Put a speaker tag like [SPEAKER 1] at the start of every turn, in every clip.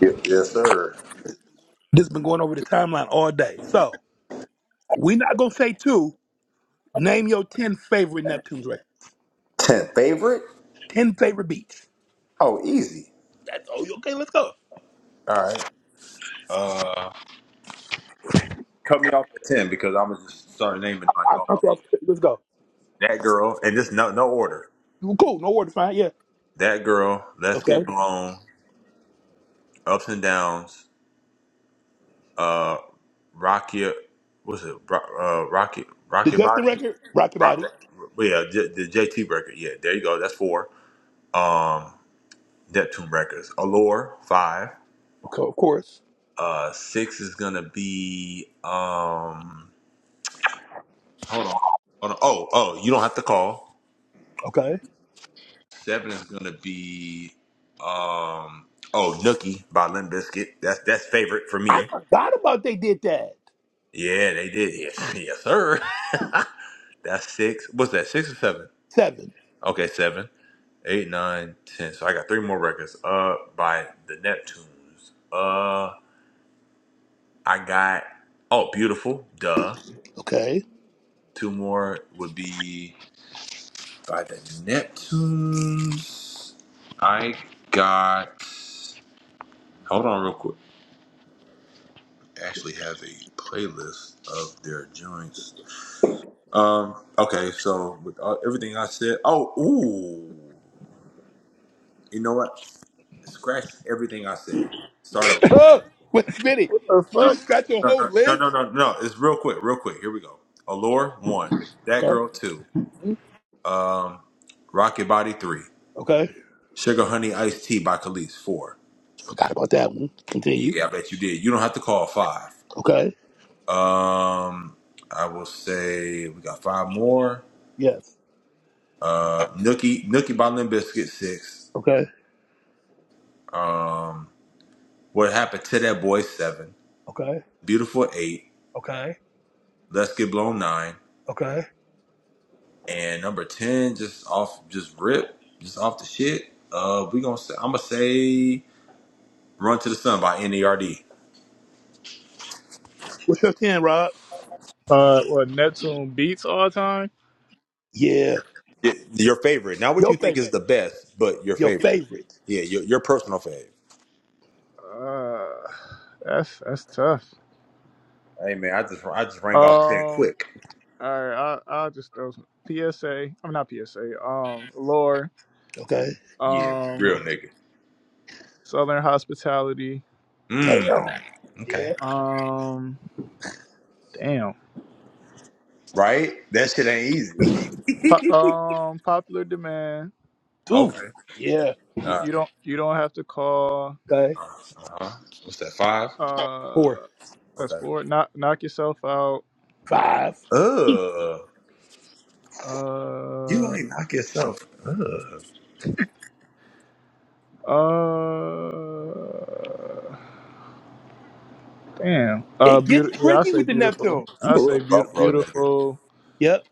[SPEAKER 1] Yes, yes sir.
[SPEAKER 2] This has been going over the timeline all day. So we not gonna say two. Name your ten favorite Neptune's records.
[SPEAKER 1] Ten favorite?
[SPEAKER 2] Ten favorite beats.
[SPEAKER 1] Oh, easy.
[SPEAKER 2] That's oh okay. Let's go.
[SPEAKER 1] All right. Uh, cut me off at ten because I'm gonna just start naming like
[SPEAKER 2] I'll
[SPEAKER 1] off
[SPEAKER 2] come
[SPEAKER 1] the
[SPEAKER 2] off.
[SPEAKER 1] head.
[SPEAKER 2] Let's go.
[SPEAKER 1] that girl, and just no no order.
[SPEAKER 2] Well, Cool. No word to find. Yeah.
[SPEAKER 1] That girl. Let's
[SPEAKER 2] Okay.
[SPEAKER 1] get blown. Ups and downs. Uh, rock your. What's it? Ro- Uh, rock your,
[SPEAKER 2] The
[SPEAKER 1] rock your
[SPEAKER 2] Justin
[SPEAKER 1] body.
[SPEAKER 2] record. Rock your
[SPEAKER 1] Rock,
[SPEAKER 2] body.
[SPEAKER 1] rock, yeah, J, the JT record. Yeah, there you go. That's four. Um, Neptune records. Allure five.
[SPEAKER 2] Okay. Of course.
[SPEAKER 1] Uh, six is gonna be um. Hold on. Hold on. Oh, oh, you don't have to call.
[SPEAKER 2] Okay.
[SPEAKER 1] Seven is gonna be um oh Nookie by Limp Biscuit. That's that's favorite for
[SPEAKER 2] I
[SPEAKER 1] me.
[SPEAKER 2] forgot about they did that.
[SPEAKER 1] Yeah, they did. Yes, yes, sir. that's six. What's that? Six or seven?
[SPEAKER 2] Seven.
[SPEAKER 1] Okay, seven, eight, nine, ten. So I got three more records. Uh by the Neptunes. Uh I got oh beautiful, duh.
[SPEAKER 2] Okay.
[SPEAKER 1] Two more would be by the Neptunes. I got. Hold on, real quick. Actually, have a playlist of their joints. Um. Okay. So with all, everything I said. Oh. Ooh. You know what? Scratch everything I said. Start over.
[SPEAKER 2] Oh wait a minute.
[SPEAKER 3] The
[SPEAKER 2] Did you
[SPEAKER 1] No.
[SPEAKER 3] fuck?
[SPEAKER 2] just got your
[SPEAKER 1] No.
[SPEAKER 2] whole
[SPEAKER 1] No. No.
[SPEAKER 2] list?
[SPEAKER 1] No. No. no. It's real quick. Real quick. Here we go. Allure one. That
[SPEAKER 2] Okay.
[SPEAKER 1] girl two.
[SPEAKER 2] Mhm.
[SPEAKER 1] Um. Rocket Body three.
[SPEAKER 2] Okay.
[SPEAKER 1] Sugar Honey Iced Tea by Khalees four.
[SPEAKER 2] Forgot about that one. Continue.
[SPEAKER 1] Yeah, I bet you did. You don't have to call five.
[SPEAKER 2] Okay.
[SPEAKER 1] Um. I will say we got five more.
[SPEAKER 2] Yes. Okay.
[SPEAKER 1] Uh, Nookie Nookie by Limp Biscuit six. Um, what happened to that boy seven?
[SPEAKER 2] Okay.
[SPEAKER 1] Beautiful eight.
[SPEAKER 2] Okay.
[SPEAKER 1] Let's get blown nine.
[SPEAKER 2] Okay.
[SPEAKER 1] And number ten, just off, just rip, just off the shit. Uh, we gonna say, I'm gonna say Run to the Sun by Nerd.
[SPEAKER 2] What's your 10, Rob?
[SPEAKER 3] Uh, what Neptune beats all time?
[SPEAKER 2] Yeah.
[SPEAKER 1] Your favorite, not what
[SPEAKER 2] Your
[SPEAKER 1] you think is
[SPEAKER 2] favorite.
[SPEAKER 1] the best, but your
[SPEAKER 2] Your
[SPEAKER 1] favorite.
[SPEAKER 2] favorite.
[SPEAKER 1] Yeah, your your personal fave.
[SPEAKER 3] Uh, that's that's tough.
[SPEAKER 1] Hey man, I just I just rang off ten
[SPEAKER 3] Um,
[SPEAKER 1] quick.
[SPEAKER 3] all right, I I'll just throw some PSA. I'm not PSA. Um, lore.
[SPEAKER 2] Okay.
[SPEAKER 1] Yeah,
[SPEAKER 3] Um,
[SPEAKER 1] real nigga.
[SPEAKER 3] Southern hospitality.
[SPEAKER 1] Mmm.
[SPEAKER 2] Damn. Yeah.
[SPEAKER 1] Okay.
[SPEAKER 3] Um, damn.
[SPEAKER 1] Right? That shit ain't easy.
[SPEAKER 3] Po- um, popular demand.
[SPEAKER 2] Two.
[SPEAKER 1] okay.
[SPEAKER 2] Yeah.
[SPEAKER 3] You
[SPEAKER 1] All right.
[SPEAKER 3] you don't you don't have to call.
[SPEAKER 2] Okay.
[SPEAKER 1] Uh-huh. What's that? Five.
[SPEAKER 3] Uh,
[SPEAKER 2] Four.
[SPEAKER 3] that's
[SPEAKER 1] Okay.
[SPEAKER 3] four. Knock knock yourself out.
[SPEAKER 2] Five.
[SPEAKER 1] Uh, you
[SPEAKER 3] Uh,
[SPEAKER 1] ain't knock yourself. Uh,
[SPEAKER 3] uh. Damn. Uh,
[SPEAKER 2] It gets
[SPEAKER 3] beautiful. Yeah, I
[SPEAKER 2] tricky
[SPEAKER 3] say
[SPEAKER 2] with the
[SPEAKER 3] beautiful.
[SPEAKER 2] Neptune.
[SPEAKER 1] you
[SPEAKER 3] I
[SPEAKER 1] a
[SPEAKER 3] say
[SPEAKER 1] real
[SPEAKER 3] beautiful,
[SPEAKER 1] Buffalo nigga.
[SPEAKER 3] beautiful,
[SPEAKER 2] Yep.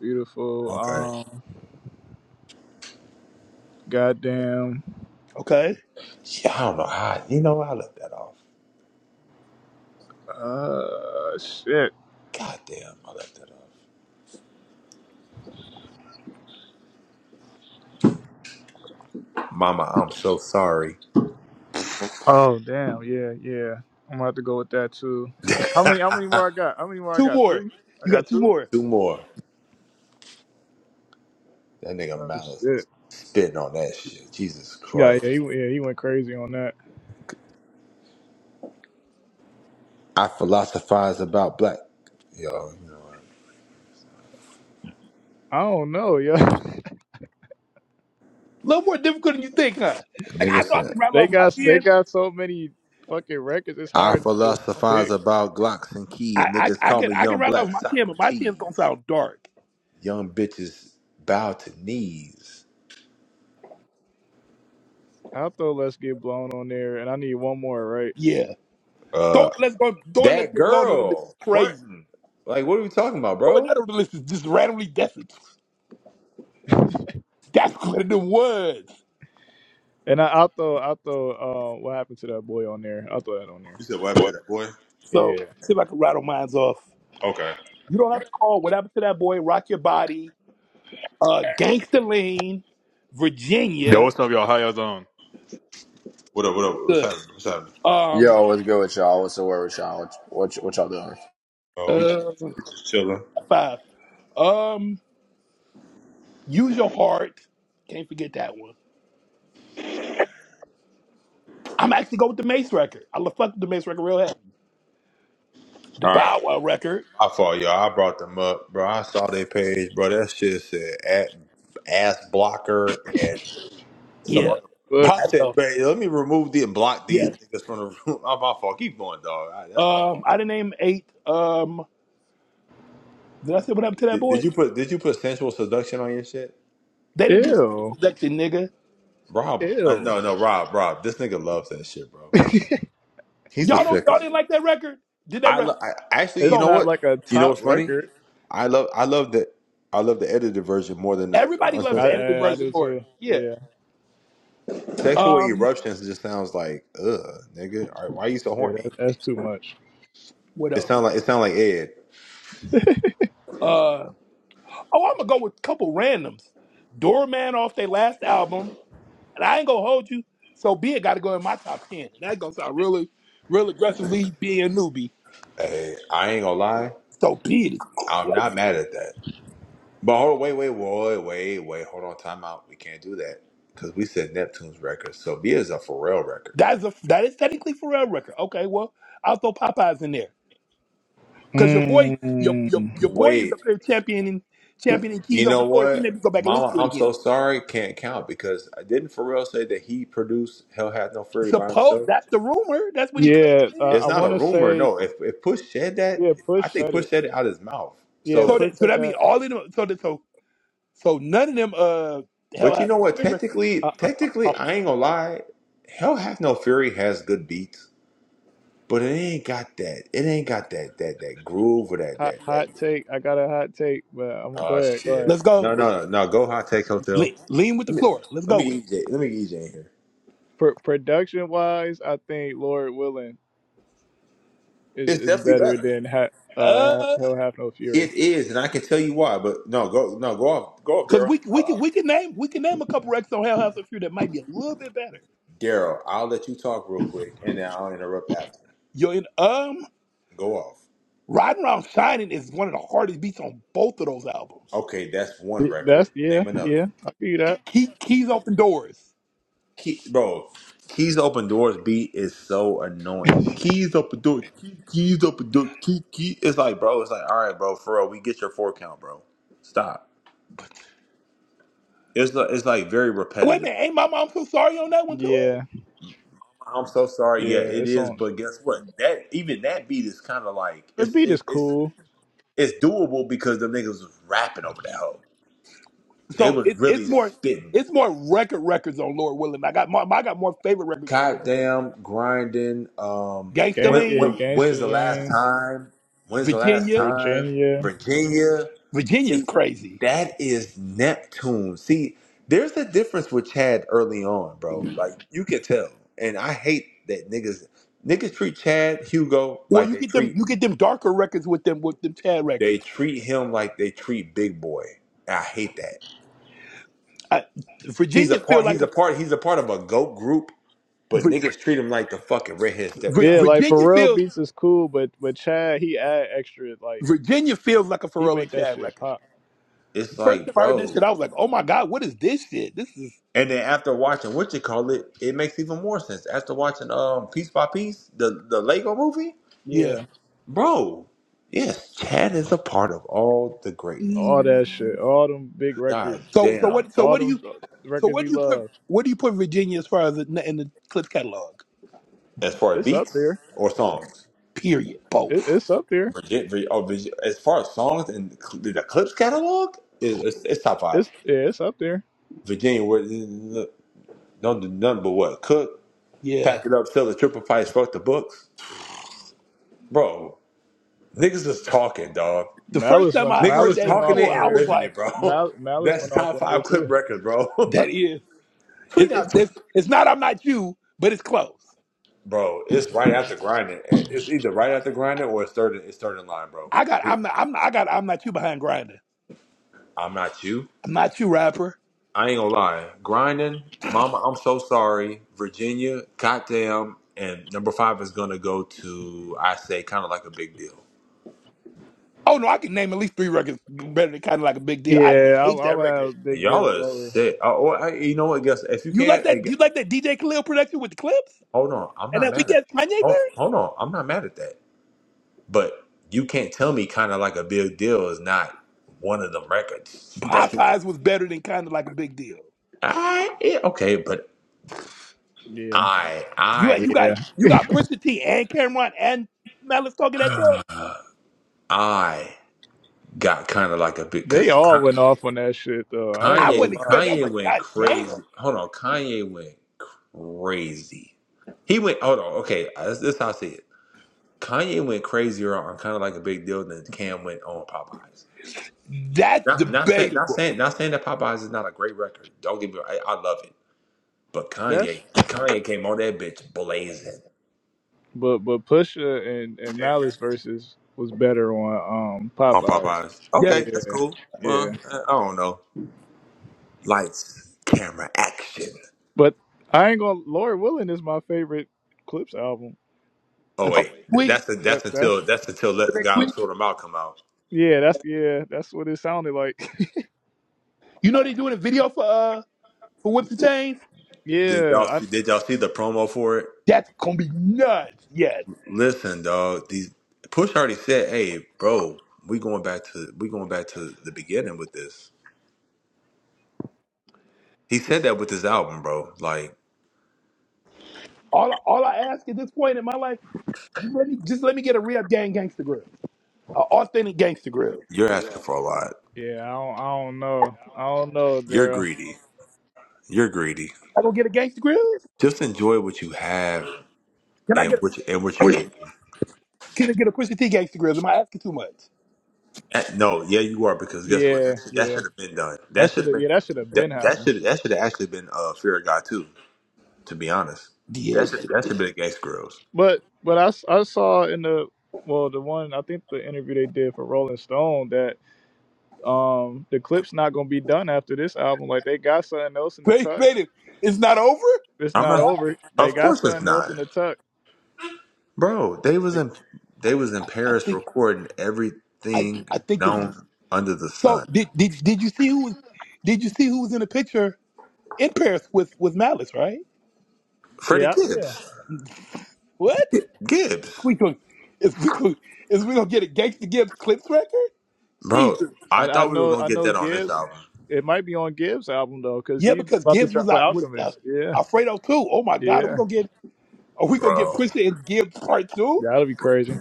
[SPEAKER 3] beautiful.
[SPEAKER 1] Okay.
[SPEAKER 3] Um, goddamn.
[SPEAKER 2] Okay.
[SPEAKER 1] Yeah, I don't know how. You know, I left that off.
[SPEAKER 3] Uh, shit.
[SPEAKER 1] God damn, I left that off. Mama, I'm so sorry.
[SPEAKER 3] Oh, damn. Yeah, yeah. I'm gonna have to go with that too. How many? How many more I got? How many more I
[SPEAKER 2] Two
[SPEAKER 3] got?
[SPEAKER 2] more.
[SPEAKER 3] Three. I
[SPEAKER 2] You
[SPEAKER 3] got
[SPEAKER 2] got two
[SPEAKER 3] two.
[SPEAKER 2] more. A
[SPEAKER 1] Two more. That nigga
[SPEAKER 3] Oh
[SPEAKER 1] Malice was
[SPEAKER 3] shit.
[SPEAKER 1] spitting on that shit. Jesus
[SPEAKER 3] Yeah, yeah. He,
[SPEAKER 1] Christ.
[SPEAKER 3] yeah, he went crazy on that.
[SPEAKER 1] I philosophize about black. Yo,
[SPEAKER 3] I don't know, yeah.
[SPEAKER 2] little more difficult than you think, huh? Like I
[SPEAKER 1] nigga
[SPEAKER 2] know I
[SPEAKER 1] said.
[SPEAKER 2] can rattle
[SPEAKER 3] they
[SPEAKER 2] off my
[SPEAKER 3] got they
[SPEAKER 2] ten.
[SPEAKER 3] got so many fucking records. It's
[SPEAKER 1] I
[SPEAKER 3] hard to just
[SPEAKER 1] philosophize
[SPEAKER 3] pick.
[SPEAKER 1] about Glocks and
[SPEAKER 2] I
[SPEAKER 1] keys.
[SPEAKER 2] I,
[SPEAKER 1] Niggas
[SPEAKER 2] I
[SPEAKER 1] call
[SPEAKER 2] can
[SPEAKER 1] me
[SPEAKER 2] I can
[SPEAKER 1] Young
[SPEAKER 2] rattle off
[SPEAKER 1] Black
[SPEAKER 2] my ten, but my ten's gonna
[SPEAKER 1] Socrates.
[SPEAKER 2] sound dark.
[SPEAKER 1] young bitches bow to knees.
[SPEAKER 3] I'll throw Let's Get Blown on there, and I need one more, right?
[SPEAKER 2] Yeah. Throw
[SPEAKER 1] Uh,
[SPEAKER 2] it, let's go throw it, let's
[SPEAKER 1] that
[SPEAKER 2] get blown on the list is
[SPEAKER 1] girl
[SPEAKER 2] crazy.
[SPEAKER 1] fronting. Like, what are we talking about,
[SPEAKER 2] Throw
[SPEAKER 1] bro?
[SPEAKER 2] another on the list is just randomly guessing. That's what it was.
[SPEAKER 3] And I, I'll throw, I'll throw, uh, what happened to that boy on there? I'll throw that on there.
[SPEAKER 1] You said what happened to that boy?
[SPEAKER 2] So
[SPEAKER 3] Yeah.
[SPEAKER 2] let's see if I can rattle mines off.
[SPEAKER 1] Okay.
[SPEAKER 2] You don't have to call what happened to that boy, Rock Your Body, uh Gangsta Lean,
[SPEAKER 4] Yo,
[SPEAKER 2] Virginia.
[SPEAKER 4] what's up, y'all? How y'all doing?
[SPEAKER 1] What up? What up? What's
[SPEAKER 2] Good.
[SPEAKER 1] happening? What's happening?
[SPEAKER 2] Um
[SPEAKER 5] Yo, what's good with y'all? What's the word with y'all? What, what, what y'all doing?
[SPEAKER 1] Oh, we just,
[SPEAKER 2] uh
[SPEAKER 1] we just chilling.
[SPEAKER 2] five. Um Use Your Heart. Can't forget that one. I'm actually go with the Mace record. I love fuck with the Mace record real heavy. The
[SPEAKER 1] All right.
[SPEAKER 2] Bow Wow record.
[SPEAKER 1] My fault, y'all. I brought them up, bro. I saw their page, bro. That shit said at ass blocker and some
[SPEAKER 3] What
[SPEAKER 2] Yeah.
[SPEAKER 1] other.
[SPEAKER 3] the fuck?
[SPEAKER 1] I
[SPEAKER 2] I
[SPEAKER 1] said,
[SPEAKER 2] know.
[SPEAKER 1] man, let me remove the and block these
[SPEAKER 2] Yes.
[SPEAKER 1] niggas from the room. Oh, my fault. Keep going, dog. All right, that's my fault.
[SPEAKER 2] Um I didn't name eight. Um did I say what happened to that
[SPEAKER 1] Did,
[SPEAKER 2] boy?
[SPEAKER 1] did you put Did you put sensual seduction on your shit?
[SPEAKER 2] They didn't do
[SPEAKER 3] Ew.
[SPEAKER 2] seduction, nigga.
[SPEAKER 1] Rob, uh,
[SPEAKER 3] Ew.
[SPEAKER 1] no, no, Rob, Rob. This nigga loves that shit, bro. He's the
[SPEAKER 2] Y'all don't y'all
[SPEAKER 1] sickest.
[SPEAKER 2] didn't like that record? Did that
[SPEAKER 1] I,
[SPEAKER 2] record?
[SPEAKER 1] lo- I actually, you
[SPEAKER 3] It's
[SPEAKER 2] So
[SPEAKER 1] know
[SPEAKER 3] not
[SPEAKER 1] what?
[SPEAKER 3] like a
[SPEAKER 1] You know
[SPEAKER 3] top
[SPEAKER 1] what's funny?
[SPEAKER 3] record.
[SPEAKER 1] I love, I love the, I love the edited version more than the uh,
[SPEAKER 2] Everybody loves
[SPEAKER 3] I,
[SPEAKER 2] the
[SPEAKER 1] uncensored.
[SPEAKER 2] edited
[SPEAKER 3] I, I
[SPEAKER 2] version
[SPEAKER 3] do
[SPEAKER 2] more.
[SPEAKER 3] too.
[SPEAKER 2] Yeah.
[SPEAKER 3] Yeah.
[SPEAKER 1] Sexual
[SPEAKER 2] Um,
[SPEAKER 1] eruptions just sounds like, ugh, nigga. All right, why you so
[SPEAKER 3] Yeah. That,
[SPEAKER 1] horny?
[SPEAKER 3] that's too much.
[SPEAKER 2] what
[SPEAKER 1] It
[SPEAKER 2] else?
[SPEAKER 1] sound like, it sound like Ed.
[SPEAKER 2] Uh, oh, I'm gonna go with a couple randoms. Doorman off their last album, and I ain't gonna hold you. So be it. Got to go in my top ten. And that gonna sound really, real aggressively being a newbie.
[SPEAKER 1] Hey, I ain't gonna lie.
[SPEAKER 2] So be it is
[SPEAKER 1] I'm
[SPEAKER 2] crazy.
[SPEAKER 1] not mad at that. But hold, on, wait, wait, wait, wait, wait. Hold on, time out. We can't do that because we said Neptune's record. So Sophia is a Pharrell record.
[SPEAKER 2] That's a that is technically Pharrell record. Okay, well I'll throw Popeyes in there because your boy, your your
[SPEAKER 3] Mm.
[SPEAKER 2] your boy is
[SPEAKER 1] Wait,
[SPEAKER 2] up there championing championing
[SPEAKER 1] You
[SPEAKER 2] keys
[SPEAKER 1] know
[SPEAKER 2] open doors. He
[SPEAKER 1] what,
[SPEAKER 2] made me go back and listen
[SPEAKER 1] Mama?
[SPEAKER 2] to it
[SPEAKER 1] I'm
[SPEAKER 2] again.
[SPEAKER 1] so sorry. Can't count because I didn't Pharrell say that he produced "Hell Hath No Fury" by
[SPEAKER 2] Suppose
[SPEAKER 1] himself.
[SPEAKER 2] that's the rumor. That's what he
[SPEAKER 3] Yeah. Uh,
[SPEAKER 2] claims.
[SPEAKER 3] I
[SPEAKER 1] It's not
[SPEAKER 3] want
[SPEAKER 1] a
[SPEAKER 3] to
[SPEAKER 1] rumor.
[SPEAKER 3] say,
[SPEAKER 1] No, if if Push said that,
[SPEAKER 3] yeah,
[SPEAKER 1] I
[SPEAKER 3] Push
[SPEAKER 1] think
[SPEAKER 3] said
[SPEAKER 1] Push
[SPEAKER 3] it.
[SPEAKER 1] said it out his mouth.
[SPEAKER 3] Yeah.
[SPEAKER 2] So
[SPEAKER 1] So,
[SPEAKER 3] Push
[SPEAKER 2] that so
[SPEAKER 3] said
[SPEAKER 2] that means
[SPEAKER 3] that. On,
[SPEAKER 2] all of them. So that, so so none of them. Uh, hell,
[SPEAKER 1] but you
[SPEAKER 2] I
[SPEAKER 1] know what?
[SPEAKER 2] remember.
[SPEAKER 3] uh,
[SPEAKER 1] Technically,
[SPEAKER 3] uh, uh,
[SPEAKER 1] technically,
[SPEAKER 3] oh,
[SPEAKER 1] I ain't gonna lie. "Hell Hath No Fury" has good beats, but it ain't got that. It ain't got that that that groove or that
[SPEAKER 3] hot,
[SPEAKER 1] that that.
[SPEAKER 3] hot take. I got a hot take, but I'm gonna go
[SPEAKER 1] Oh
[SPEAKER 3] ahead. Go
[SPEAKER 1] shit!
[SPEAKER 3] ahead.
[SPEAKER 2] Let's go.
[SPEAKER 1] No,
[SPEAKER 2] Let's
[SPEAKER 1] no, no. no, Go high tech hotel.
[SPEAKER 2] lean, lean with the
[SPEAKER 1] Let me
[SPEAKER 2] floor. Let's
[SPEAKER 1] let
[SPEAKER 2] go
[SPEAKER 1] me
[SPEAKER 2] with. It.
[SPEAKER 1] get EJ. Let me get EJ in here.
[SPEAKER 3] Pro production wise, I think Lord Willing is,
[SPEAKER 1] It's
[SPEAKER 3] is
[SPEAKER 1] definitely
[SPEAKER 3] better
[SPEAKER 1] better.
[SPEAKER 3] than ha- uh,
[SPEAKER 2] Uh,
[SPEAKER 3] He'll Have No Fury.
[SPEAKER 1] It is, and I can tell you why. But no, go no go off go off,
[SPEAKER 2] cause
[SPEAKER 1] Daryl.
[SPEAKER 2] we
[SPEAKER 1] I'll-
[SPEAKER 2] we can
[SPEAKER 1] I'll-
[SPEAKER 2] we can name we can name a couple records on Hell House and Fear that might be a little bit better.
[SPEAKER 1] Daryl, I'll let you talk real quick, and then I'll interrupt after.
[SPEAKER 2] You're in um
[SPEAKER 1] Go off.
[SPEAKER 2] Riding Around Shining is one of the hardest beats on both of those albums.
[SPEAKER 1] Okay, that's one
[SPEAKER 3] It- That's
[SPEAKER 1] record.
[SPEAKER 3] yeah,
[SPEAKER 1] Name another.
[SPEAKER 3] yeah. I feel that.
[SPEAKER 2] Key, keys open doors.
[SPEAKER 1] Key, bro, Keys Open Doors beat is so annoying. Keys open door, key, keys open door, key, key. It's like, bro, it's like, all right, bro, for real, we get your four count, bro. Stop. It's like, it's like very
[SPEAKER 2] Wait a
[SPEAKER 1] repetitive.
[SPEAKER 2] minute, ain't my mom so sorry on that one too?
[SPEAKER 3] Yeah,
[SPEAKER 1] I'm so sorry. Yeah,
[SPEAKER 3] yeah.
[SPEAKER 1] it
[SPEAKER 3] It's
[SPEAKER 1] is,
[SPEAKER 3] on.
[SPEAKER 1] but guess what? That even that beat is kind of like
[SPEAKER 3] The
[SPEAKER 1] it's
[SPEAKER 3] beat is
[SPEAKER 1] it, it's
[SPEAKER 3] cool.
[SPEAKER 1] It's doable because the niggas was rapping over that hoe. They
[SPEAKER 2] So
[SPEAKER 1] was
[SPEAKER 2] it,
[SPEAKER 1] really
[SPEAKER 2] it's more
[SPEAKER 1] spitting.
[SPEAKER 2] it's more record records on Lord Willing. I got more I got more favorite records on Lord Willing.
[SPEAKER 1] Goddamn grinding. Um,
[SPEAKER 2] Gangsta
[SPEAKER 3] Gang,
[SPEAKER 1] when,
[SPEAKER 3] yeah,
[SPEAKER 1] when,
[SPEAKER 2] Lean,
[SPEAKER 3] Gangster
[SPEAKER 1] when's the last
[SPEAKER 3] Lean,
[SPEAKER 1] time? When's the last
[SPEAKER 2] Virginia,
[SPEAKER 1] time?
[SPEAKER 3] Virginia.
[SPEAKER 1] Virginia.
[SPEAKER 2] Virginia's
[SPEAKER 1] See,
[SPEAKER 2] crazy.
[SPEAKER 1] that is Neptune. See, there's a difference with Chad early on, bro. Like you can tell, and I hate that niggas niggas treat Chad Hugo
[SPEAKER 2] Well,
[SPEAKER 1] like
[SPEAKER 2] you
[SPEAKER 1] they
[SPEAKER 2] get them,
[SPEAKER 1] treat
[SPEAKER 2] you get them darker records with them, with them Tad
[SPEAKER 1] they
[SPEAKER 2] records.
[SPEAKER 1] treat him like they treat Big Boy. I hate that.
[SPEAKER 2] I,
[SPEAKER 1] He's a
[SPEAKER 2] Virginia feel
[SPEAKER 1] part.
[SPEAKER 2] like
[SPEAKER 1] He's a
[SPEAKER 2] a
[SPEAKER 1] part. He's a part of a goat group, but
[SPEAKER 2] Vir,
[SPEAKER 1] niggas treat him like the fucking redhead
[SPEAKER 2] Vir-
[SPEAKER 3] Yeah,
[SPEAKER 1] stepchild.
[SPEAKER 3] like
[SPEAKER 2] Virginia
[SPEAKER 3] Pharrell
[SPEAKER 2] feels
[SPEAKER 3] beats is cool, but but Chad he add extra. Like
[SPEAKER 2] Virginia feels like a
[SPEAKER 3] he
[SPEAKER 2] Pharrell
[SPEAKER 3] make
[SPEAKER 2] and
[SPEAKER 3] that
[SPEAKER 2] Chad
[SPEAKER 3] shit
[SPEAKER 2] record.
[SPEAKER 3] pop.
[SPEAKER 1] It's
[SPEAKER 2] The first
[SPEAKER 1] like,
[SPEAKER 2] time I heard that
[SPEAKER 1] bro.
[SPEAKER 2] shit, I was like, oh my god, what is this shit? This is
[SPEAKER 1] And then after watching what you call it, it makes even more sense. After watching um piece by piece, the the Lego movie,
[SPEAKER 2] yeah.
[SPEAKER 3] Yeah,
[SPEAKER 1] bro. Yes, Chad is a part of all the greatness.
[SPEAKER 3] all that shit,
[SPEAKER 2] Mm.
[SPEAKER 3] all them big
[SPEAKER 1] God
[SPEAKER 3] records,
[SPEAKER 2] So so
[SPEAKER 1] damn.
[SPEAKER 2] what so
[SPEAKER 3] all
[SPEAKER 2] what do
[SPEAKER 3] them
[SPEAKER 2] you
[SPEAKER 3] uh,
[SPEAKER 2] so
[SPEAKER 3] records
[SPEAKER 2] what
[SPEAKER 3] we
[SPEAKER 2] do you put
[SPEAKER 3] love.
[SPEAKER 2] what do you put Virginia as far as in the, in the Clips catalog?
[SPEAKER 1] As far as
[SPEAKER 3] It's up
[SPEAKER 1] beats
[SPEAKER 3] there.
[SPEAKER 1] or songs,
[SPEAKER 2] Period.
[SPEAKER 3] It,
[SPEAKER 2] Both.
[SPEAKER 3] it's up there.
[SPEAKER 1] Virgi- Vir- oh, Virgi- as far as songs and cl- the clips catalog is it's, it's top five.
[SPEAKER 3] It's yeah, it's up there.
[SPEAKER 1] Virginia, Woolf- don't do nothing but what cook.
[SPEAKER 2] Yeah.
[SPEAKER 1] pack it up, sell the triple price, fuck the books. Bro, niggas is talking, dog.
[SPEAKER 2] The first
[SPEAKER 3] Malice
[SPEAKER 2] time
[SPEAKER 3] went
[SPEAKER 2] I
[SPEAKER 1] Niggas
[SPEAKER 2] heard
[SPEAKER 1] is
[SPEAKER 3] Malice
[SPEAKER 2] that
[SPEAKER 3] went
[SPEAKER 2] in
[SPEAKER 1] talking
[SPEAKER 3] off
[SPEAKER 2] full,
[SPEAKER 1] it
[SPEAKER 3] on
[SPEAKER 2] I
[SPEAKER 1] and
[SPEAKER 2] was
[SPEAKER 3] there.
[SPEAKER 1] living it,
[SPEAKER 2] like,
[SPEAKER 1] bro.
[SPEAKER 3] Mal, Malice went
[SPEAKER 1] That's
[SPEAKER 3] off
[SPEAKER 1] top
[SPEAKER 3] on there
[SPEAKER 1] five clip
[SPEAKER 3] too.
[SPEAKER 1] record, bro.
[SPEAKER 2] that is
[SPEAKER 1] we
[SPEAKER 2] it, it,
[SPEAKER 1] not,
[SPEAKER 2] it's it's not I'm not you, but it's close.
[SPEAKER 1] bro. It's right after grinding. It's either right after grinding or it's third. It's third in line, bro.
[SPEAKER 2] I got I'm not I'm not, I got I'm not you behind grinding.
[SPEAKER 1] I'm not you.
[SPEAKER 2] I'm not you rapper.
[SPEAKER 1] I ain't gonna lie. Grinding, Mama, I'm so sorry. Virginia, goddamn, and number five is gonna go to I say kind of like a big deal.
[SPEAKER 2] Oh no, I can name at least three records better than kind of like a big deal. I
[SPEAKER 3] Yeah,
[SPEAKER 2] just
[SPEAKER 3] I,
[SPEAKER 2] hate
[SPEAKER 3] I
[SPEAKER 2] that
[SPEAKER 3] would
[SPEAKER 2] record.
[SPEAKER 3] have big
[SPEAKER 1] Y'all
[SPEAKER 3] deal
[SPEAKER 1] are
[SPEAKER 3] lower.
[SPEAKER 1] sick. Oh, oh, I, you know what? Guess if you
[SPEAKER 2] You like
[SPEAKER 1] can't.
[SPEAKER 2] that?
[SPEAKER 1] hey,
[SPEAKER 2] Do you like that DJ Khalil production with the clips
[SPEAKER 1] Hold on, I'm
[SPEAKER 2] and
[SPEAKER 1] not
[SPEAKER 2] that
[SPEAKER 1] mad at.
[SPEAKER 2] weekend Kanye
[SPEAKER 1] Hold,
[SPEAKER 2] verse?
[SPEAKER 1] hold on, I'm not mad at that. But you can't tell me kind of like a big deal is not one of them records. That's
[SPEAKER 2] Popeyes was better than kind of like a big deal.
[SPEAKER 1] I yeah, okay, but
[SPEAKER 3] Yeah,
[SPEAKER 2] You
[SPEAKER 1] I
[SPEAKER 2] you
[SPEAKER 3] yeah.
[SPEAKER 2] got you got Pusha T and Cameron and Malice talking that talk.
[SPEAKER 1] I I got kind of like a big
[SPEAKER 3] They
[SPEAKER 1] because
[SPEAKER 3] all went off on that shit though. I ain't
[SPEAKER 2] I
[SPEAKER 3] gonna
[SPEAKER 2] wasn't
[SPEAKER 1] Kanye
[SPEAKER 3] lie.
[SPEAKER 2] expecting. I was
[SPEAKER 1] Kanye
[SPEAKER 2] like,
[SPEAKER 1] went
[SPEAKER 2] God damn,
[SPEAKER 1] crazy. Hold on, Kanye went crazy. He went. Hold on, okay, uh, this, this is how I see it. Kanye went crazier on kind of like a big deal than Cam went on Popeyes.
[SPEAKER 2] that's
[SPEAKER 1] Not not saying not
[SPEAKER 2] debatable.
[SPEAKER 1] saying not saying that Popeyes is not a great record. Don't get me wrong, I, I love it. But
[SPEAKER 3] That's
[SPEAKER 1] Kanye, Kanye came on that bitch blazing.
[SPEAKER 3] but but Pusha and and Malice versus was better on um
[SPEAKER 1] On
[SPEAKER 3] Popeye.
[SPEAKER 1] Popeyes.
[SPEAKER 2] Yeah.
[SPEAKER 1] Okay, that's
[SPEAKER 3] Yeah,
[SPEAKER 1] cool.
[SPEAKER 3] yeah.
[SPEAKER 1] Well, I I don't know. Lights, camera, action.
[SPEAKER 3] But I ain't gonna. Lord Willing is my favorite Clips album.
[SPEAKER 1] Oh
[SPEAKER 2] Until
[SPEAKER 1] wait,
[SPEAKER 2] next
[SPEAKER 1] Th-
[SPEAKER 2] week,
[SPEAKER 1] that's
[SPEAKER 3] That
[SPEAKER 1] that's
[SPEAKER 3] that's
[SPEAKER 1] until that's until
[SPEAKER 2] until
[SPEAKER 1] let
[SPEAKER 2] next
[SPEAKER 1] God
[SPEAKER 2] week.
[SPEAKER 1] sort them out come out.
[SPEAKER 3] yeah. That's yeah. That's what it sounded like.
[SPEAKER 2] You know they doing a video for uh for Whips and Chains.
[SPEAKER 1] Did
[SPEAKER 3] yeah.
[SPEAKER 1] y'all
[SPEAKER 3] I
[SPEAKER 1] see? Did y'all see the promo for it?
[SPEAKER 2] That's gonna be nuts. Yes.
[SPEAKER 1] Listen, dog. These Push already said, "Hey, bro, we going back to we going back to the beginning with this." He said that with his album, bro. Like
[SPEAKER 2] All all I ask at this point in my life, just let me just let me get a real gang gangster grill, an authentic gangster grill.
[SPEAKER 1] You're asking for a lot.
[SPEAKER 3] yeah. I don't, I don't know. I don't know,
[SPEAKER 1] You're
[SPEAKER 3] Daryl.
[SPEAKER 1] greedy. You're greedy.
[SPEAKER 2] I gonna get a gangster grill?
[SPEAKER 1] Just enjoy what you have
[SPEAKER 2] Can I
[SPEAKER 1] and
[SPEAKER 2] get a,
[SPEAKER 1] what you, and what you're getting.
[SPEAKER 2] can I get a Pusha T gangster grill? Am I asking too much?
[SPEAKER 1] That- no, yeah, you are because guess what?
[SPEAKER 3] Yeah,
[SPEAKER 1] That should, that
[SPEAKER 3] yeah.
[SPEAKER 1] should have been done.
[SPEAKER 3] That
[SPEAKER 1] That should
[SPEAKER 3] should
[SPEAKER 1] have
[SPEAKER 3] have
[SPEAKER 1] been
[SPEAKER 3] yeah. That should have been
[SPEAKER 1] that
[SPEAKER 3] happened.
[SPEAKER 1] that should that should have actually been uh, fear of God too. To be honest,
[SPEAKER 2] Yeah,
[SPEAKER 1] that
[SPEAKER 2] it
[SPEAKER 1] should
[SPEAKER 2] should have
[SPEAKER 1] that should
[SPEAKER 2] been.
[SPEAKER 1] be against girls.
[SPEAKER 3] But but I, s- I saw in the well the one I think the interview they did for Rolling Stone that um the clip's not gonna be done after this album. Like they got something else in the
[SPEAKER 2] Wait,
[SPEAKER 3] tuck.
[SPEAKER 2] wait, it's not over.
[SPEAKER 3] It's
[SPEAKER 1] I'm
[SPEAKER 2] Oh,
[SPEAKER 3] not
[SPEAKER 1] not.
[SPEAKER 3] over. They
[SPEAKER 1] Of
[SPEAKER 3] got
[SPEAKER 1] course it's
[SPEAKER 3] something else
[SPEAKER 1] not,
[SPEAKER 3] in the tuck.
[SPEAKER 1] bro. They was
[SPEAKER 3] Like,
[SPEAKER 1] in they was in
[SPEAKER 2] I
[SPEAKER 1] Paris
[SPEAKER 2] think
[SPEAKER 1] recording
[SPEAKER 2] I
[SPEAKER 1] everything
[SPEAKER 2] I think this is.
[SPEAKER 1] known under the
[SPEAKER 2] So
[SPEAKER 1] sun.
[SPEAKER 2] did did did you see who was did you see who was in the picture in Paris with with Malice? Right?
[SPEAKER 1] Freddie
[SPEAKER 3] yeah, yeah.
[SPEAKER 1] Gibbs,
[SPEAKER 2] What?
[SPEAKER 1] Gibbs,
[SPEAKER 2] We gonna is we gonna is we gonna get a gangster Gibbs clips record?
[SPEAKER 1] bro.
[SPEAKER 2] Jesus.
[SPEAKER 3] I,
[SPEAKER 1] I
[SPEAKER 3] I
[SPEAKER 1] thought we were
[SPEAKER 3] know
[SPEAKER 1] gonna
[SPEAKER 3] I
[SPEAKER 1] get
[SPEAKER 3] know
[SPEAKER 1] that on this
[SPEAKER 3] Gibbs.
[SPEAKER 1] album.
[SPEAKER 3] It might be on Gibbs' album though, cause
[SPEAKER 2] Yeah,
[SPEAKER 3] he's
[SPEAKER 2] because
[SPEAKER 3] about to
[SPEAKER 2] Gibbs was
[SPEAKER 3] drop with
[SPEAKER 2] out with uh,
[SPEAKER 3] Alchemist. Yeah,
[SPEAKER 2] Alfredo too. Oh my God, are we
[SPEAKER 3] yeah.
[SPEAKER 2] gonna get are we gonna get
[SPEAKER 1] Bro,
[SPEAKER 2] Pusha and Gibbs part two?
[SPEAKER 3] That'll be crazy.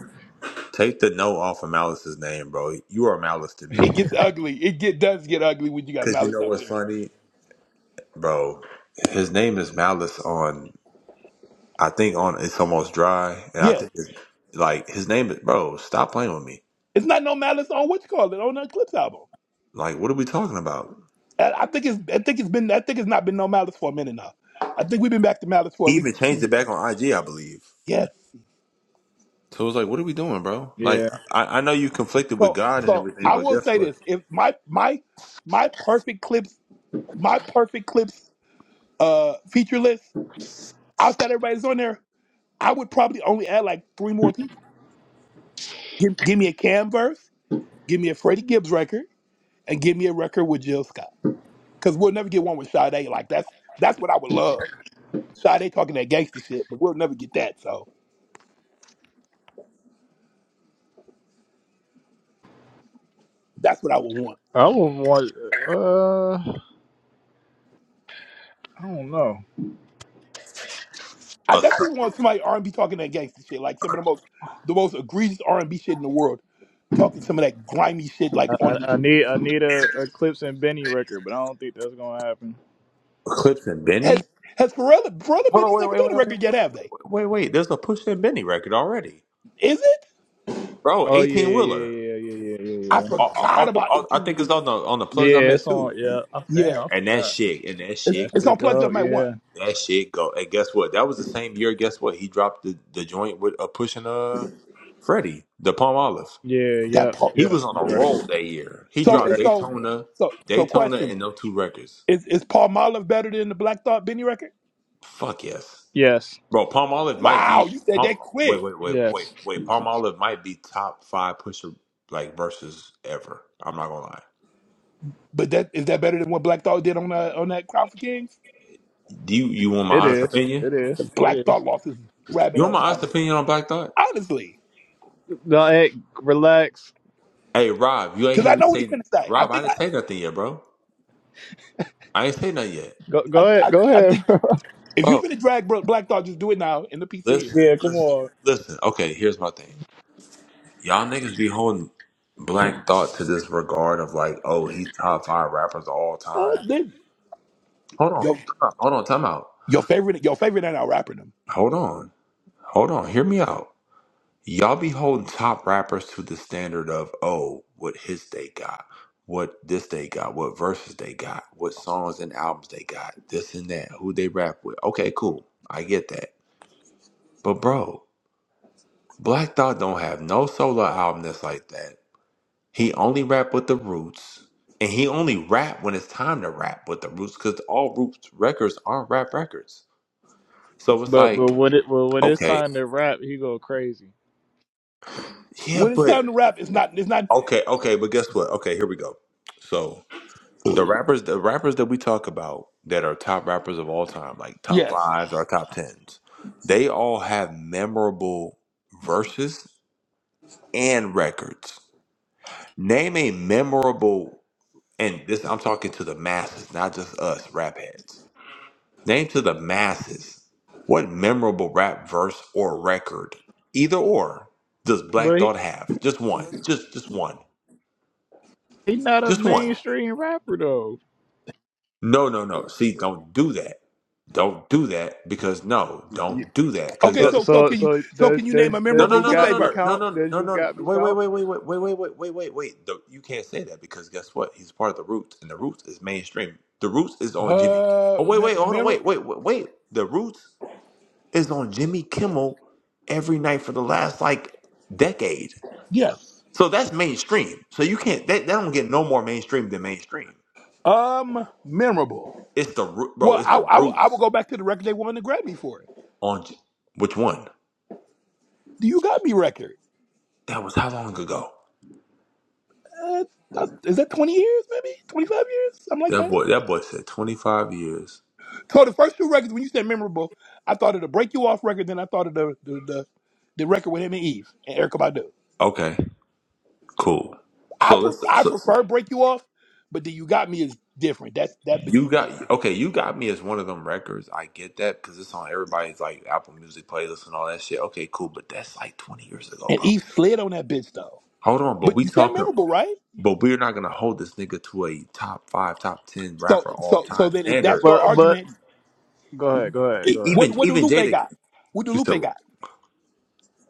[SPEAKER 1] take the no off of Malice's name, bro. You are Malice to me
[SPEAKER 2] It
[SPEAKER 1] again.
[SPEAKER 2] gets ugly. It get does get ugly when you got
[SPEAKER 1] Cause you
[SPEAKER 2] malice
[SPEAKER 1] know
[SPEAKER 2] out
[SPEAKER 1] what's
[SPEAKER 2] there.
[SPEAKER 1] funny, bro? His name is Malice on. I think on it's almost dry, and I
[SPEAKER 2] Yeah,
[SPEAKER 1] think it's, like his name is bro. Stop playing with me.
[SPEAKER 2] it's not no malice on what you call it on the Eclipse album.
[SPEAKER 1] Like, what are we talking about?
[SPEAKER 2] I, I think it's I think it's been I think it's not been no malice for a minute now. I think we've been back to malice for
[SPEAKER 1] He
[SPEAKER 2] at
[SPEAKER 1] even
[SPEAKER 2] least two
[SPEAKER 1] changed it
[SPEAKER 2] years.
[SPEAKER 1] back on IG, I believe.
[SPEAKER 2] Yes.
[SPEAKER 1] So it was like, what are we doing, bro? Like,
[SPEAKER 3] Yeah,
[SPEAKER 1] I, I know you conflicted with
[SPEAKER 2] So
[SPEAKER 1] God and
[SPEAKER 2] so
[SPEAKER 1] everything,
[SPEAKER 2] I
[SPEAKER 1] but
[SPEAKER 2] will
[SPEAKER 1] guess
[SPEAKER 2] say
[SPEAKER 1] what?
[SPEAKER 2] this: if my my my perfect clips my perfect clips uh feature list outside everybody's on there, I would probably only add like three more people Give, give me a Cam verse, give me a Freddie Gibbs record, and give me a record with Jill Scott. Because we'll never get one with Sade. Like that's that's what I would love. Sade talking that gangster shit, but we'll never get that. So that's what I would want.
[SPEAKER 3] I would want. Uh, I don't know.
[SPEAKER 2] I
[SPEAKER 1] A,
[SPEAKER 2] definitely want somebody R and B talking that gangster shit, like some of the most the most egregious R and B shit in the world, talking some of that grimy shit. Like
[SPEAKER 3] I,
[SPEAKER 2] on
[SPEAKER 3] I, I need I need a, a Clips and Benny record, but I don't think that's gonna happen.
[SPEAKER 1] Eclipse and Benny.
[SPEAKER 2] has has Pharrell Pharrell
[SPEAKER 1] Hold on,
[SPEAKER 2] Benny's never
[SPEAKER 1] wait, wait,
[SPEAKER 2] done
[SPEAKER 1] wait,
[SPEAKER 2] a
[SPEAKER 1] wait, wait,
[SPEAKER 2] record
[SPEAKER 1] wait,
[SPEAKER 2] yet, have they?
[SPEAKER 1] wait, wait, wait. wait. There's a Push and Benny record already,
[SPEAKER 2] Is it?
[SPEAKER 1] bro.
[SPEAKER 3] Oh yeah,
[SPEAKER 1] Eighteen
[SPEAKER 3] yeah,
[SPEAKER 1] wheeler.
[SPEAKER 3] yeah, yeah, yeah, yeah, yeah, yeah.
[SPEAKER 2] I
[SPEAKER 3] Yeah,
[SPEAKER 1] off,
[SPEAKER 2] forgot
[SPEAKER 1] off the,
[SPEAKER 2] about
[SPEAKER 1] off, I
[SPEAKER 2] eighteen
[SPEAKER 1] think it's
[SPEAKER 2] weeks.
[SPEAKER 1] on the on the plugs I
[SPEAKER 3] Yeah,
[SPEAKER 1] met
[SPEAKER 3] it's
[SPEAKER 1] too.
[SPEAKER 3] on. Yeah. Oh, damn,
[SPEAKER 2] Yeah,
[SPEAKER 3] I
[SPEAKER 1] And that
[SPEAKER 3] forgot.
[SPEAKER 1] shit, and that
[SPEAKER 2] it's,
[SPEAKER 3] That
[SPEAKER 1] shit,
[SPEAKER 2] it's on
[SPEAKER 3] shit
[SPEAKER 2] Plugged
[SPEAKER 3] go.
[SPEAKER 2] Up My One.
[SPEAKER 3] Yeah.
[SPEAKER 1] that shit go. And guess what? That was the same year. Guess what? He dropped the, the joint with uh, pushing uh Freddie the Palm Olive.
[SPEAKER 3] Yeah.
[SPEAKER 2] That
[SPEAKER 3] Yep.
[SPEAKER 2] part.
[SPEAKER 1] He
[SPEAKER 3] Yep.
[SPEAKER 1] was on a
[SPEAKER 3] You right.
[SPEAKER 1] roll that year. He
[SPEAKER 3] You
[SPEAKER 2] So
[SPEAKER 1] dropped
[SPEAKER 2] it's
[SPEAKER 3] right.
[SPEAKER 2] so
[SPEAKER 1] Daytona,
[SPEAKER 2] so so
[SPEAKER 1] Daytona,
[SPEAKER 2] question.
[SPEAKER 1] and them two records.
[SPEAKER 2] Is is Paul Marlov better than the Black Thought Benny record?
[SPEAKER 1] Fuck yes,
[SPEAKER 3] Yes.
[SPEAKER 1] bro. Palm Olive might
[SPEAKER 2] Wow,
[SPEAKER 1] be
[SPEAKER 2] you said
[SPEAKER 1] Palm.
[SPEAKER 2] that
[SPEAKER 1] Wait,
[SPEAKER 2] quick.
[SPEAKER 1] wait, wait, wait,
[SPEAKER 3] Yes.
[SPEAKER 1] wait. Palm Olive might be top five pusher like verses ever. I'm not gonna lie.
[SPEAKER 2] But that is that better than what Black Thought did on that on that Crown for Kings?
[SPEAKER 1] Do you you want my
[SPEAKER 3] It
[SPEAKER 1] honest
[SPEAKER 3] is.
[SPEAKER 1] opinion?
[SPEAKER 3] It is.
[SPEAKER 2] 'Cause
[SPEAKER 3] It
[SPEAKER 2] Black
[SPEAKER 3] is.
[SPEAKER 2] Thought lost his rabbit
[SPEAKER 1] You want
[SPEAKER 2] ass
[SPEAKER 1] my honest
[SPEAKER 2] final.
[SPEAKER 1] opinion on Black Thought?
[SPEAKER 2] Honestly.
[SPEAKER 3] No, hey, relax.
[SPEAKER 1] Hey Rob, you ain't
[SPEAKER 2] Cause
[SPEAKER 1] hear
[SPEAKER 2] I
[SPEAKER 1] me
[SPEAKER 2] know what he
[SPEAKER 1] say
[SPEAKER 2] finna say. I
[SPEAKER 1] Rob, I
[SPEAKER 2] think
[SPEAKER 1] didn't say
[SPEAKER 2] I
[SPEAKER 1] nothing yet, bro. I ain't say nothing yet.
[SPEAKER 3] Go. Go
[SPEAKER 2] I
[SPEAKER 3] ahead.
[SPEAKER 2] I,
[SPEAKER 3] Go
[SPEAKER 2] I
[SPEAKER 3] ahead.
[SPEAKER 2] think if you
[SPEAKER 1] Bro,
[SPEAKER 2] finna drag Bro- Black Thought, just do it now in the piece of here.
[SPEAKER 1] listen,
[SPEAKER 3] yeah. Come
[SPEAKER 1] listen,
[SPEAKER 3] on.
[SPEAKER 1] listen. Okay, here's my thing. Y'all niggas be holding black thought to this regard of like, oh, he's top five rappers of all
[SPEAKER 2] Uh,
[SPEAKER 1] time.
[SPEAKER 2] then
[SPEAKER 1] Hold on,
[SPEAKER 2] your
[SPEAKER 1] time out, hold on, time out.
[SPEAKER 2] your favorite your favorite ain't out rapping them.
[SPEAKER 1] Hold on. Hold on. Hear me out. Y'all be holding top rappers to the standard of, oh, what hits they got, what this they got, what verses they got, what songs and albums they got, this and that, who they rap with. Okay, cool. I get that. But bro, Black Thought don't have no solo album that's like that. He only rap with the Roots, and he only rap when it's time to rap with the Roots, because all Roots records aren't rap records. So it's
[SPEAKER 3] But but
[SPEAKER 1] like,
[SPEAKER 3] when it but when it's
[SPEAKER 1] okay,
[SPEAKER 3] time to rap, he go crazy.
[SPEAKER 1] yeah,
[SPEAKER 2] When it's time
[SPEAKER 1] but
[SPEAKER 2] to rap, it's not it's not
[SPEAKER 1] okay, okay, but guess what? Okay, here we go. So the rappers, the rappers that we talk about that are top rappers of all time, like top
[SPEAKER 2] yes.
[SPEAKER 1] fives or top tens, they all have memorable verses and records. Name a memorable And this I'm talking to the masses, not just us rap heads. Name to the masses what memorable rap verse or record, either or, does Black
[SPEAKER 3] But he
[SPEAKER 1] Thought have? Just one. Just just one.
[SPEAKER 3] he not a
[SPEAKER 1] Just one.
[SPEAKER 3] mainstream rapper though.
[SPEAKER 1] No, no, no. See, don't do that. Don't do that because no,
[SPEAKER 3] Yeah.
[SPEAKER 1] don't do that. Because
[SPEAKER 2] Okay,
[SPEAKER 3] So
[SPEAKER 1] guess
[SPEAKER 2] so so
[SPEAKER 3] so
[SPEAKER 2] can you
[SPEAKER 3] so
[SPEAKER 2] so
[SPEAKER 3] does
[SPEAKER 2] can you
[SPEAKER 3] does
[SPEAKER 2] name a
[SPEAKER 1] No,
[SPEAKER 3] does
[SPEAKER 1] no,
[SPEAKER 2] memorable
[SPEAKER 3] you
[SPEAKER 1] no,
[SPEAKER 2] Lupe
[SPEAKER 1] no,
[SPEAKER 3] got
[SPEAKER 1] no,
[SPEAKER 3] me
[SPEAKER 1] no,
[SPEAKER 2] verse?
[SPEAKER 1] no,
[SPEAKER 3] count?
[SPEAKER 1] no,
[SPEAKER 3] Does
[SPEAKER 1] no,
[SPEAKER 3] you
[SPEAKER 1] no.
[SPEAKER 3] got me
[SPEAKER 1] Wait, wait,
[SPEAKER 3] count?
[SPEAKER 1] wait, wait, wait, wait, wait, wait, wait, wait, wait. The- You can't say that because guess what? He's part of the Roots, and the Roots is mainstream. The Roots is on Jimmy.
[SPEAKER 2] Uh,
[SPEAKER 1] Oh, wait,
[SPEAKER 2] me-
[SPEAKER 1] wait, hold on,
[SPEAKER 2] memor-
[SPEAKER 1] wait, wait, wait, wait. The Roots is on Jimmy Kimmel every night for the last like decade.
[SPEAKER 2] yes.
[SPEAKER 1] So that's mainstream. So you can't. That, that don't get no more mainstream than mainstream.
[SPEAKER 2] Um, memorable.
[SPEAKER 1] It's the Roo- bro.
[SPEAKER 2] Well,
[SPEAKER 1] It's
[SPEAKER 2] I,
[SPEAKER 1] the
[SPEAKER 2] I I will
[SPEAKER 1] Roots
[SPEAKER 2] go back to the record they won the Grammy for.
[SPEAKER 1] on J- which one?
[SPEAKER 2] Do you got me record?
[SPEAKER 1] That was how long ago?
[SPEAKER 2] Uh, that's- is that twenty years? Maybe twenty five years, something like
[SPEAKER 1] That
[SPEAKER 2] that.
[SPEAKER 1] boy. That boy said twenty five years.
[SPEAKER 2] So the first two records, when you said memorable, I thought of the Break You Off record. Then I thought of the the the, the record with him and Eve and Erica Badu.
[SPEAKER 1] Okay. Cool.
[SPEAKER 2] I
[SPEAKER 1] So let's.
[SPEAKER 2] pref- I
[SPEAKER 1] So
[SPEAKER 2] prefer Break You Off, but Do You Got Me is different. That's that bitch
[SPEAKER 1] you
[SPEAKER 2] is
[SPEAKER 1] got
[SPEAKER 2] different.
[SPEAKER 1] okay. You got me as one of them records. I get that because it's on everybody's like Apple Music playlist and all that shit. Okay, cool. But that's like twenty years ago,
[SPEAKER 2] And
[SPEAKER 1] bro.
[SPEAKER 2] Eve slid on that bitch though.
[SPEAKER 1] Hold on, but
[SPEAKER 2] But
[SPEAKER 1] we
[SPEAKER 2] you said
[SPEAKER 1] talking.
[SPEAKER 2] memorable, right?
[SPEAKER 1] But we're not gonna hold this nigga to a top five, top ten
[SPEAKER 2] So
[SPEAKER 1] rapper all
[SPEAKER 2] so so
[SPEAKER 1] time
[SPEAKER 2] then if that's
[SPEAKER 1] standard.
[SPEAKER 2] your
[SPEAKER 3] But but
[SPEAKER 2] argument.
[SPEAKER 3] Go ahead, go ahead,
[SPEAKER 2] It,
[SPEAKER 1] E-
[SPEAKER 3] go ahead.
[SPEAKER 2] what
[SPEAKER 1] even
[SPEAKER 2] what do
[SPEAKER 1] even
[SPEAKER 2] Lupe
[SPEAKER 1] Jada.
[SPEAKER 2] got? What do Lupe
[SPEAKER 1] So
[SPEAKER 2] got?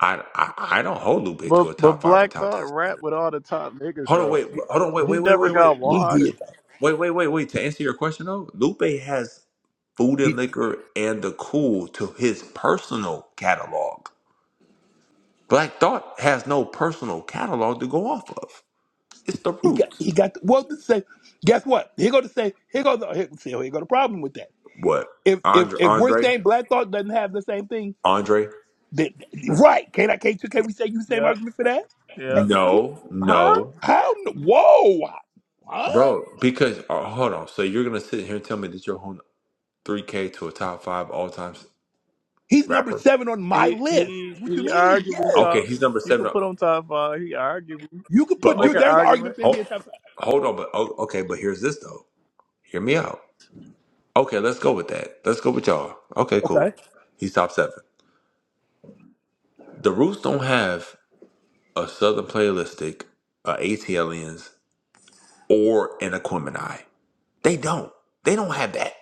[SPEAKER 1] I I, I don't hold Lupe to
[SPEAKER 3] But
[SPEAKER 1] a
[SPEAKER 3] but
[SPEAKER 1] top five or
[SPEAKER 3] Black
[SPEAKER 1] top
[SPEAKER 3] Thought
[SPEAKER 1] ten standard.
[SPEAKER 3] rap with all the top niggas
[SPEAKER 1] Hold on,
[SPEAKER 3] though.
[SPEAKER 1] wait,
[SPEAKER 3] He
[SPEAKER 1] hold on, wait,
[SPEAKER 3] he
[SPEAKER 1] wait, wait,
[SPEAKER 3] never
[SPEAKER 1] wait, wait,
[SPEAKER 3] got
[SPEAKER 1] wait,
[SPEAKER 2] He
[SPEAKER 3] washed.
[SPEAKER 2] did. that.
[SPEAKER 1] wait, wait, wait. wait. To answer your question though, Lupe has food and
[SPEAKER 2] He,
[SPEAKER 1] liquor and the cool to his personal catalog. Black Thought has no personal catalog to go off of. It's the
[SPEAKER 2] he got
[SPEAKER 1] roots.
[SPEAKER 2] he got well to say. Guess what? Here go to say. Here go the here, see, here go the problem with that.
[SPEAKER 1] What?
[SPEAKER 2] If if
[SPEAKER 1] Andre
[SPEAKER 2] if we're
[SPEAKER 1] Andre?
[SPEAKER 2] saying Black Thought doesn't have the same thing,
[SPEAKER 1] Andre?
[SPEAKER 2] then right? Can I can't you can we say you the same
[SPEAKER 3] Yep,
[SPEAKER 2] argument for that?
[SPEAKER 3] yep.
[SPEAKER 2] Technically,
[SPEAKER 1] No,
[SPEAKER 3] Huh?
[SPEAKER 1] no.
[SPEAKER 2] how? n- Whoa, huh?
[SPEAKER 1] Bro, because uh, hold on. So you're gonna sit here and tell me that you're holding three K to a top five all time
[SPEAKER 2] He's number
[SPEAKER 1] rapper?
[SPEAKER 2] seven on my
[SPEAKER 3] He
[SPEAKER 2] list.
[SPEAKER 3] he
[SPEAKER 2] What you
[SPEAKER 3] he
[SPEAKER 2] mean?
[SPEAKER 3] arguably
[SPEAKER 2] Yes,
[SPEAKER 1] Okay,
[SPEAKER 3] top.
[SPEAKER 1] he's number
[SPEAKER 3] You can
[SPEAKER 1] seven.
[SPEAKER 3] put him top five. He arguably
[SPEAKER 2] you could
[SPEAKER 3] you
[SPEAKER 1] But
[SPEAKER 3] can
[SPEAKER 2] put
[SPEAKER 3] make
[SPEAKER 2] you.
[SPEAKER 1] okay.
[SPEAKER 3] an
[SPEAKER 2] There's an argument
[SPEAKER 3] argument.
[SPEAKER 2] for him
[SPEAKER 1] Oh,
[SPEAKER 2] top five.
[SPEAKER 1] hold on, but oh, okay, but here's this though. Hear me out. Okay, let's go with that. Let's go with y'all. Okay, cool.
[SPEAKER 2] Okay,
[SPEAKER 1] He's top seven. The Roots don't have a Southern Playalistic, a ATLians, or an Aquemini. They don't. They don't have that.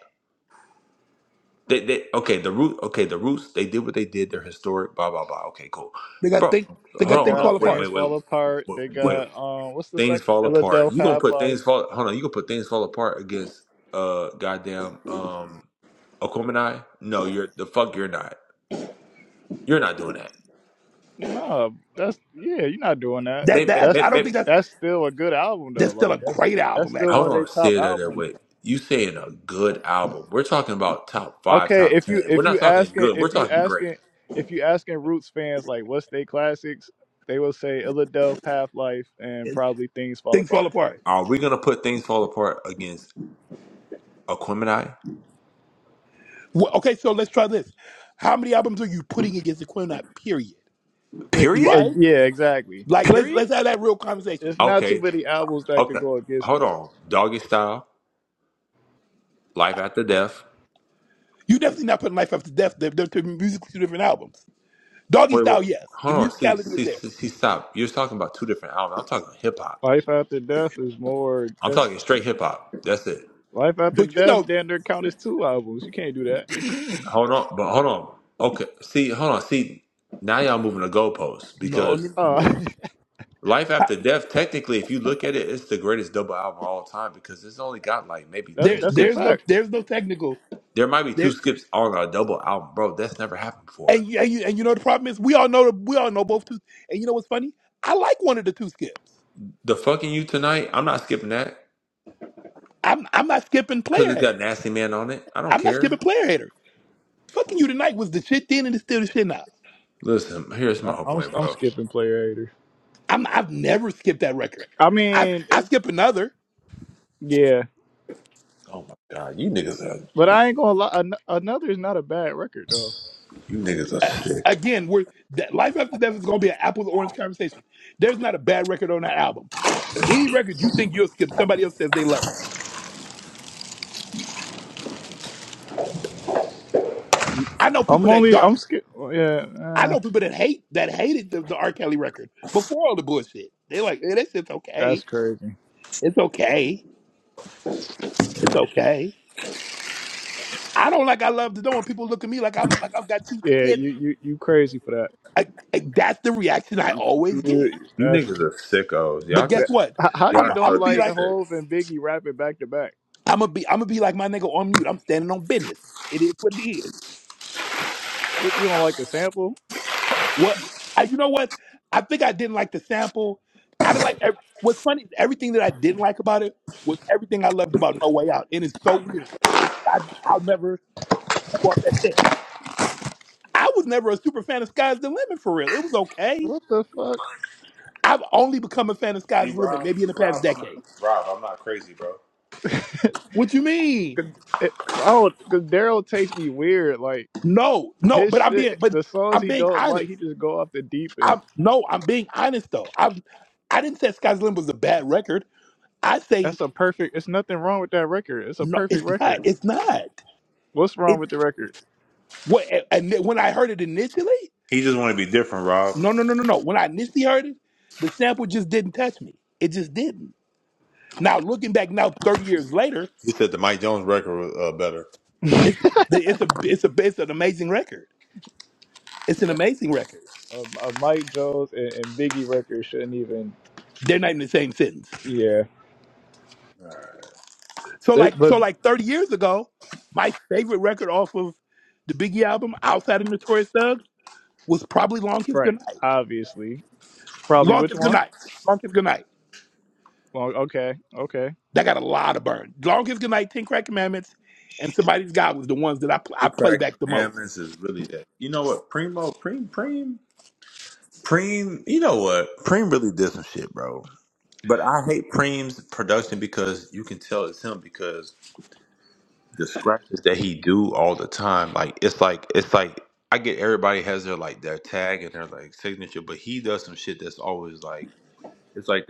[SPEAKER 1] They, they okay. The root. Okay, the Roots. They did what they did. They're historic. Blah blah blah. Okay, cool.
[SPEAKER 2] they got
[SPEAKER 1] Bro,
[SPEAKER 2] think they
[SPEAKER 3] They
[SPEAKER 1] hold
[SPEAKER 2] got
[SPEAKER 1] on,
[SPEAKER 2] things
[SPEAKER 1] hold on.
[SPEAKER 2] fall
[SPEAKER 3] got
[SPEAKER 1] Wait,
[SPEAKER 2] apart.
[SPEAKER 3] things
[SPEAKER 1] wait,
[SPEAKER 3] fall
[SPEAKER 1] wait,
[SPEAKER 3] apart.
[SPEAKER 1] wait,
[SPEAKER 3] They
[SPEAKER 1] wait.
[SPEAKER 3] got um what's the
[SPEAKER 1] Things
[SPEAKER 3] second
[SPEAKER 1] fall apart.
[SPEAKER 3] Illadelph
[SPEAKER 1] You gonna
[SPEAKER 3] Half
[SPEAKER 1] put
[SPEAKER 3] Life.
[SPEAKER 1] things fall. Hold on. You gonna put things fall apart against uh goddamn um Aquamanai? No, you're the fuck. You're not. You're not doing that.
[SPEAKER 3] No, that's yeah. You're not doing that.
[SPEAKER 2] That
[SPEAKER 1] Maybe,
[SPEAKER 2] that
[SPEAKER 3] That's
[SPEAKER 2] I don't think
[SPEAKER 1] maybe,
[SPEAKER 2] that's
[SPEAKER 3] that's still a good album though.
[SPEAKER 2] that's still
[SPEAKER 3] Like
[SPEAKER 2] a
[SPEAKER 3] that's
[SPEAKER 2] great
[SPEAKER 3] that's
[SPEAKER 2] album.
[SPEAKER 3] still
[SPEAKER 2] Actually.
[SPEAKER 1] hold
[SPEAKER 3] one of their
[SPEAKER 1] on,
[SPEAKER 3] top
[SPEAKER 1] Sid. That
[SPEAKER 3] albums.
[SPEAKER 1] way. You saying a good album? We're talking about top five,
[SPEAKER 3] Okay,
[SPEAKER 1] top
[SPEAKER 3] if you
[SPEAKER 1] ten. We're
[SPEAKER 3] if you
[SPEAKER 1] not talking
[SPEAKER 3] asking
[SPEAKER 1] good.
[SPEAKER 3] if
[SPEAKER 1] We're
[SPEAKER 3] you
[SPEAKER 1] talking great.
[SPEAKER 3] asking if you asking Roots fans like what's they classics, they will say Illadelph, Half Life, and probably Things Fall
[SPEAKER 2] Things fall
[SPEAKER 3] Apart.
[SPEAKER 2] apart.
[SPEAKER 1] Are we gonna put things fall apart against Aquamanai?
[SPEAKER 2] Well, okay, so let's try this. How many albums are you putting against the Quintet? Period.
[SPEAKER 3] Y- Yeah,
[SPEAKER 1] Period.
[SPEAKER 3] eh,
[SPEAKER 2] Right?
[SPEAKER 3] yeah, exactly.
[SPEAKER 2] Like let's
[SPEAKER 1] Period.
[SPEAKER 2] let's have that real conversation.
[SPEAKER 3] It's not too
[SPEAKER 1] Okay.
[SPEAKER 3] many albums that could
[SPEAKER 1] Okay.
[SPEAKER 3] go against
[SPEAKER 1] Hold
[SPEAKER 3] that.
[SPEAKER 1] on. Doggy style. Life after death.
[SPEAKER 2] You definitely not putting Life After Death. They're, they're two musically two different albums. Doggy
[SPEAKER 1] Wait, wait,
[SPEAKER 2] Style, yes, the
[SPEAKER 1] hold on. See,
[SPEAKER 2] musicality is
[SPEAKER 1] see,
[SPEAKER 2] there,
[SPEAKER 1] see, see, stop. You're talking about two different albums. I'm talking hip hop.
[SPEAKER 3] Life After Death is more.
[SPEAKER 1] I'm
[SPEAKER 3] That's
[SPEAKER 1] talking straight hip hop. That's it.
[SPEAKER 3] Life After
[SPEAKER 2] but you
[SPEAKER 3] Death.
[SPEAKER 2] know,
[SPEAKER 3] Then there count as two albums. You can't do that.
[SPEAKER 1] Hold on, but hold on. Okay, see, hold on. See, now y'all moving the goalposts
[SPEAKER 2] no, no,
[SPEAKER 1] because
[SPEAKER 3] Uh,
[SPEAKER 2] no.
[SPEAKER 1] Life After Death, technically, if you look at it, it's the greatest double album of all time because it's only got like maybe
[SPEAKER 3] that
[SPEAKER 2] There,
[SPEAKER 1] two
[SPEAKER 3] that's a
[SPEAKER 2] there's
[SPEAKER 1] skips.
[SPEAKER 2] no,
[SPEAKER 3] fact.
[SPEAKER 2] there's no technical.
[SPEAKER 1] There might be two
[SPEAKER 2] There,
[SPEAKER 1] skips on a double album, bro. That's never happened before.
[SPEAKER 2] and you, and you, and you know the problem is we all know we all know both two. And you know what's funny? I like one of the two skips.
[SPEAKER 1] The fucking you tonight, I'm not skipping that
[SPEAKER 2] I'm I'm not skipping
[SPEAKER 1] because
[SPEAKER 2] player
[SPEAKER 1] it's got
[SPEAKER 2] hater.
[SPEAKER 1] Nasty Man on it. I don't
[SPEAKER 2] I'm not
[SPEAKER 1] care.
[SPEAKER 2] skipping player hater. Fucking you tonight was the shit then and it's still the shit now.
[SPEAKER 1] Listen, here's my
[SPEAKER 3] I'm
[SPEAKER 1] whole
[SPEAKER 3] I'm
[SPEAKER 1] point,
[SPEAKER 3] I'm
[SPEAKER 1] bro.
[SPEAKER 3] skipping player hater.
[SPEAKER 2] I'm, I've never skipped that record.
[SPEAKER 3] I
[SPEAKER 2] I
[SPEAKER 3] mean,
[SPEAKER 2] I
[SPEAKER 3] it's
[SPEAKER 2] skip another.
[SPEAKER 3] yeah,
[SPEAKER 1] Oh my god, you niggas! are
[SPEAKER 3] but I ain't gonna lie. An- another is not a bad record though.
[SPEAKER 1] You niggas are
[SPEAKER 2] A-
[SPEAKER 1] sick.
[SPEAKER 2] Again, we're that life after death is going to be an apple to orange conversation. There's not a bad record on that album. Any record you think you'll skip, somebody else says they love. it. I know
[SPEAKER 3] I'm
[SPEAKER 2] people that
[SPEAKER 3] only.
[SPEAKER 2] don't.
[SPEAKER 3] I'm scared. Yeah,
[SPEAKER 2] I
[SPEAKER 3] uh,
[SPEAKER 2] know people that hate that hated the, the R. Kelly record before all the bullshit. They like, eh, this shit's okay.
[SPEAKER 3] that's crazy.
[SPEAKER 2] It's okay. It's okay. I don't like I love to know when people look at me like I'm like I've got two
[SPEAKER 3] Yeah,
[SPEAKER 2] tits.
[SPEAKER 3] you you you crazy for that.
[SPEAKER 2] I, I- that's the reaction I always
[SPEAKER 3] You,
[SPEAKER 2] get.
[SPEAKER 1] You
[SPEAKER 3] that's
[SPEAKER 1] niggas are sickos. Y'all
[SPEAKER 2] But guess
[SPEAKER 3] that.
[SPEAKER 1] just
[SPEAKER 2] what?
[SPEAKER 3] H- How
[SPEAKER 1] y'all
[SPEAKER 3] you
[SPEAKER 2] I'm I'm
[SPEAKER 3] don't
[SPEAKER 2] gonna
[SPEAKER 1] enjoy
[SPEAKER 2] be
[SPEAKER 1] being
[SPEAKER 3] like
[SPEAKER 2] like.
[SPEAKER 1] sick.
[SPEAKER 3] Hove and Biggie rapping back to back?
[SPEAKER 2] I'm gonna be I'm gonna be like my nigga on mute. I'm standing on business. It is what it is.
[SPEAKER 3] What you don't like the sample?
[SPEAKER 2] What I you know what? I think I didn't like the sample. I didn't like ev- what's funny is everything that I didn't like about it was everything I loved about No way out. And it's so weird. I I'll never move off that set. I was never a super fan of Sky's the Limit for real. It was okay.
[SPEAKER 3] What the fuck?
[SPEAKER 2] I've only become a fan of
[SPEAKER 1] See
[SPEAKER 2] Sky's the Limit
[SPEAKER 1] Rob,
[SPEAKER 2] maybe in the
[SPEAKER 1] see
[SPEAKER 2] past
[SPEAKER 1] Rob, I'm not
[SPEAKER 2] decade.
[SPEAKER 1] Rob, I'm not crazy, bro.
[SPEAKER 2] What you mean?
[SPEAKER 3] 'Cause it- I don't. Cause Daryl takes me weird. Like
[SPEAKER 2] No, no, but
[SPEAKER 3] his
[SPEAKER 2] I'm being
[SPEAKER 3] shit,
[SPEAKER 2] but
[SPEAKER 3] the songs
[SPEAKER 2] I'm
[SPEAKER 3] he
[SPEAKER 2] being
[SPEAKER 3] don't
[SPEAKER 2] honest.
[SPEAKER 3] like, he just go off the deep end.
[SPEAKER 2] I'm no, I'm being honest though. I'm I i did not say Sky's Limb was a bad record. I say
[SPEAKER 3] That's a perfect. It's nothing wrong with that record. It's a
[SPEAKER 2] no,
[SPEAKER 3] perfect
[SPEAKER 2] it's not.
[SPEAKER 3] record.
[SPEAKER 2] It's not.
[SPEAKER 3] What's wrong
[SPEAKER 2] It
[SPEAKER 3] with the record?
[SPEAKER 2] what and then when I heard it initially,
[SPEAKER 1] He just want to be different, Rob.
[SPEAKER 2] no, no, no, no, no. When I initially heard it, the sample just didn't touch me. It just didn't. Now looking back now, thirty years later,
[SPEAKER 1] He said the Mike Jones record was uh, better.
[SPEAKER 2] the- it's a it's a it's an amazing record. It's an
[SPEAKER 3] That-
[SPEAKER 2] amazing record.
[SPEAKER 3] a, a Mike Jones and, and Biggie record shouldn't even.
[SPEAKER 2] They're not in the same sentence.
[SPEAKER 3] Yeah.
[SPEAKER 2] So
[SPEAKER 3] But,
[SPEAKER 2] like
[SPEAKER 3] but
[SPEAKER 2] so like thirty years ago, my favorite record off of the Biggie album, outside of Notorious Thugs, was probably Long Kiss
[SPEAKER 3] right,
[SPEAKER 2] Goodnight.
[SPEAKER 3] obviously, probably which
[SPEAKER 2] Longest good
[SPEAKER 3] one?
[SPEAKER 2] night. Longest good night.
[SPEAKER 3] Well, okay, okay.
[SPEAKER 2] That got a lot of burn. Longest good night, Ten Crack Commandments, and somebody's God was the ones that I pl- I
[SPEAKER 1] In
[SPEAKER 2] play
[SPEAKER 1] fact,
[SPEAKER 2] back the most.
[SPEAKER 1] Commandments is really that. You know what, Primo, Preem, Preem, Preem. You know what, Preem really did some shit, bro. But I hate Preem's production because you can tell it's him because The scratches that he do all the time. Like it's like it's like I get everybody has their like their tag and their like signature, but he does some shit that's always like it's like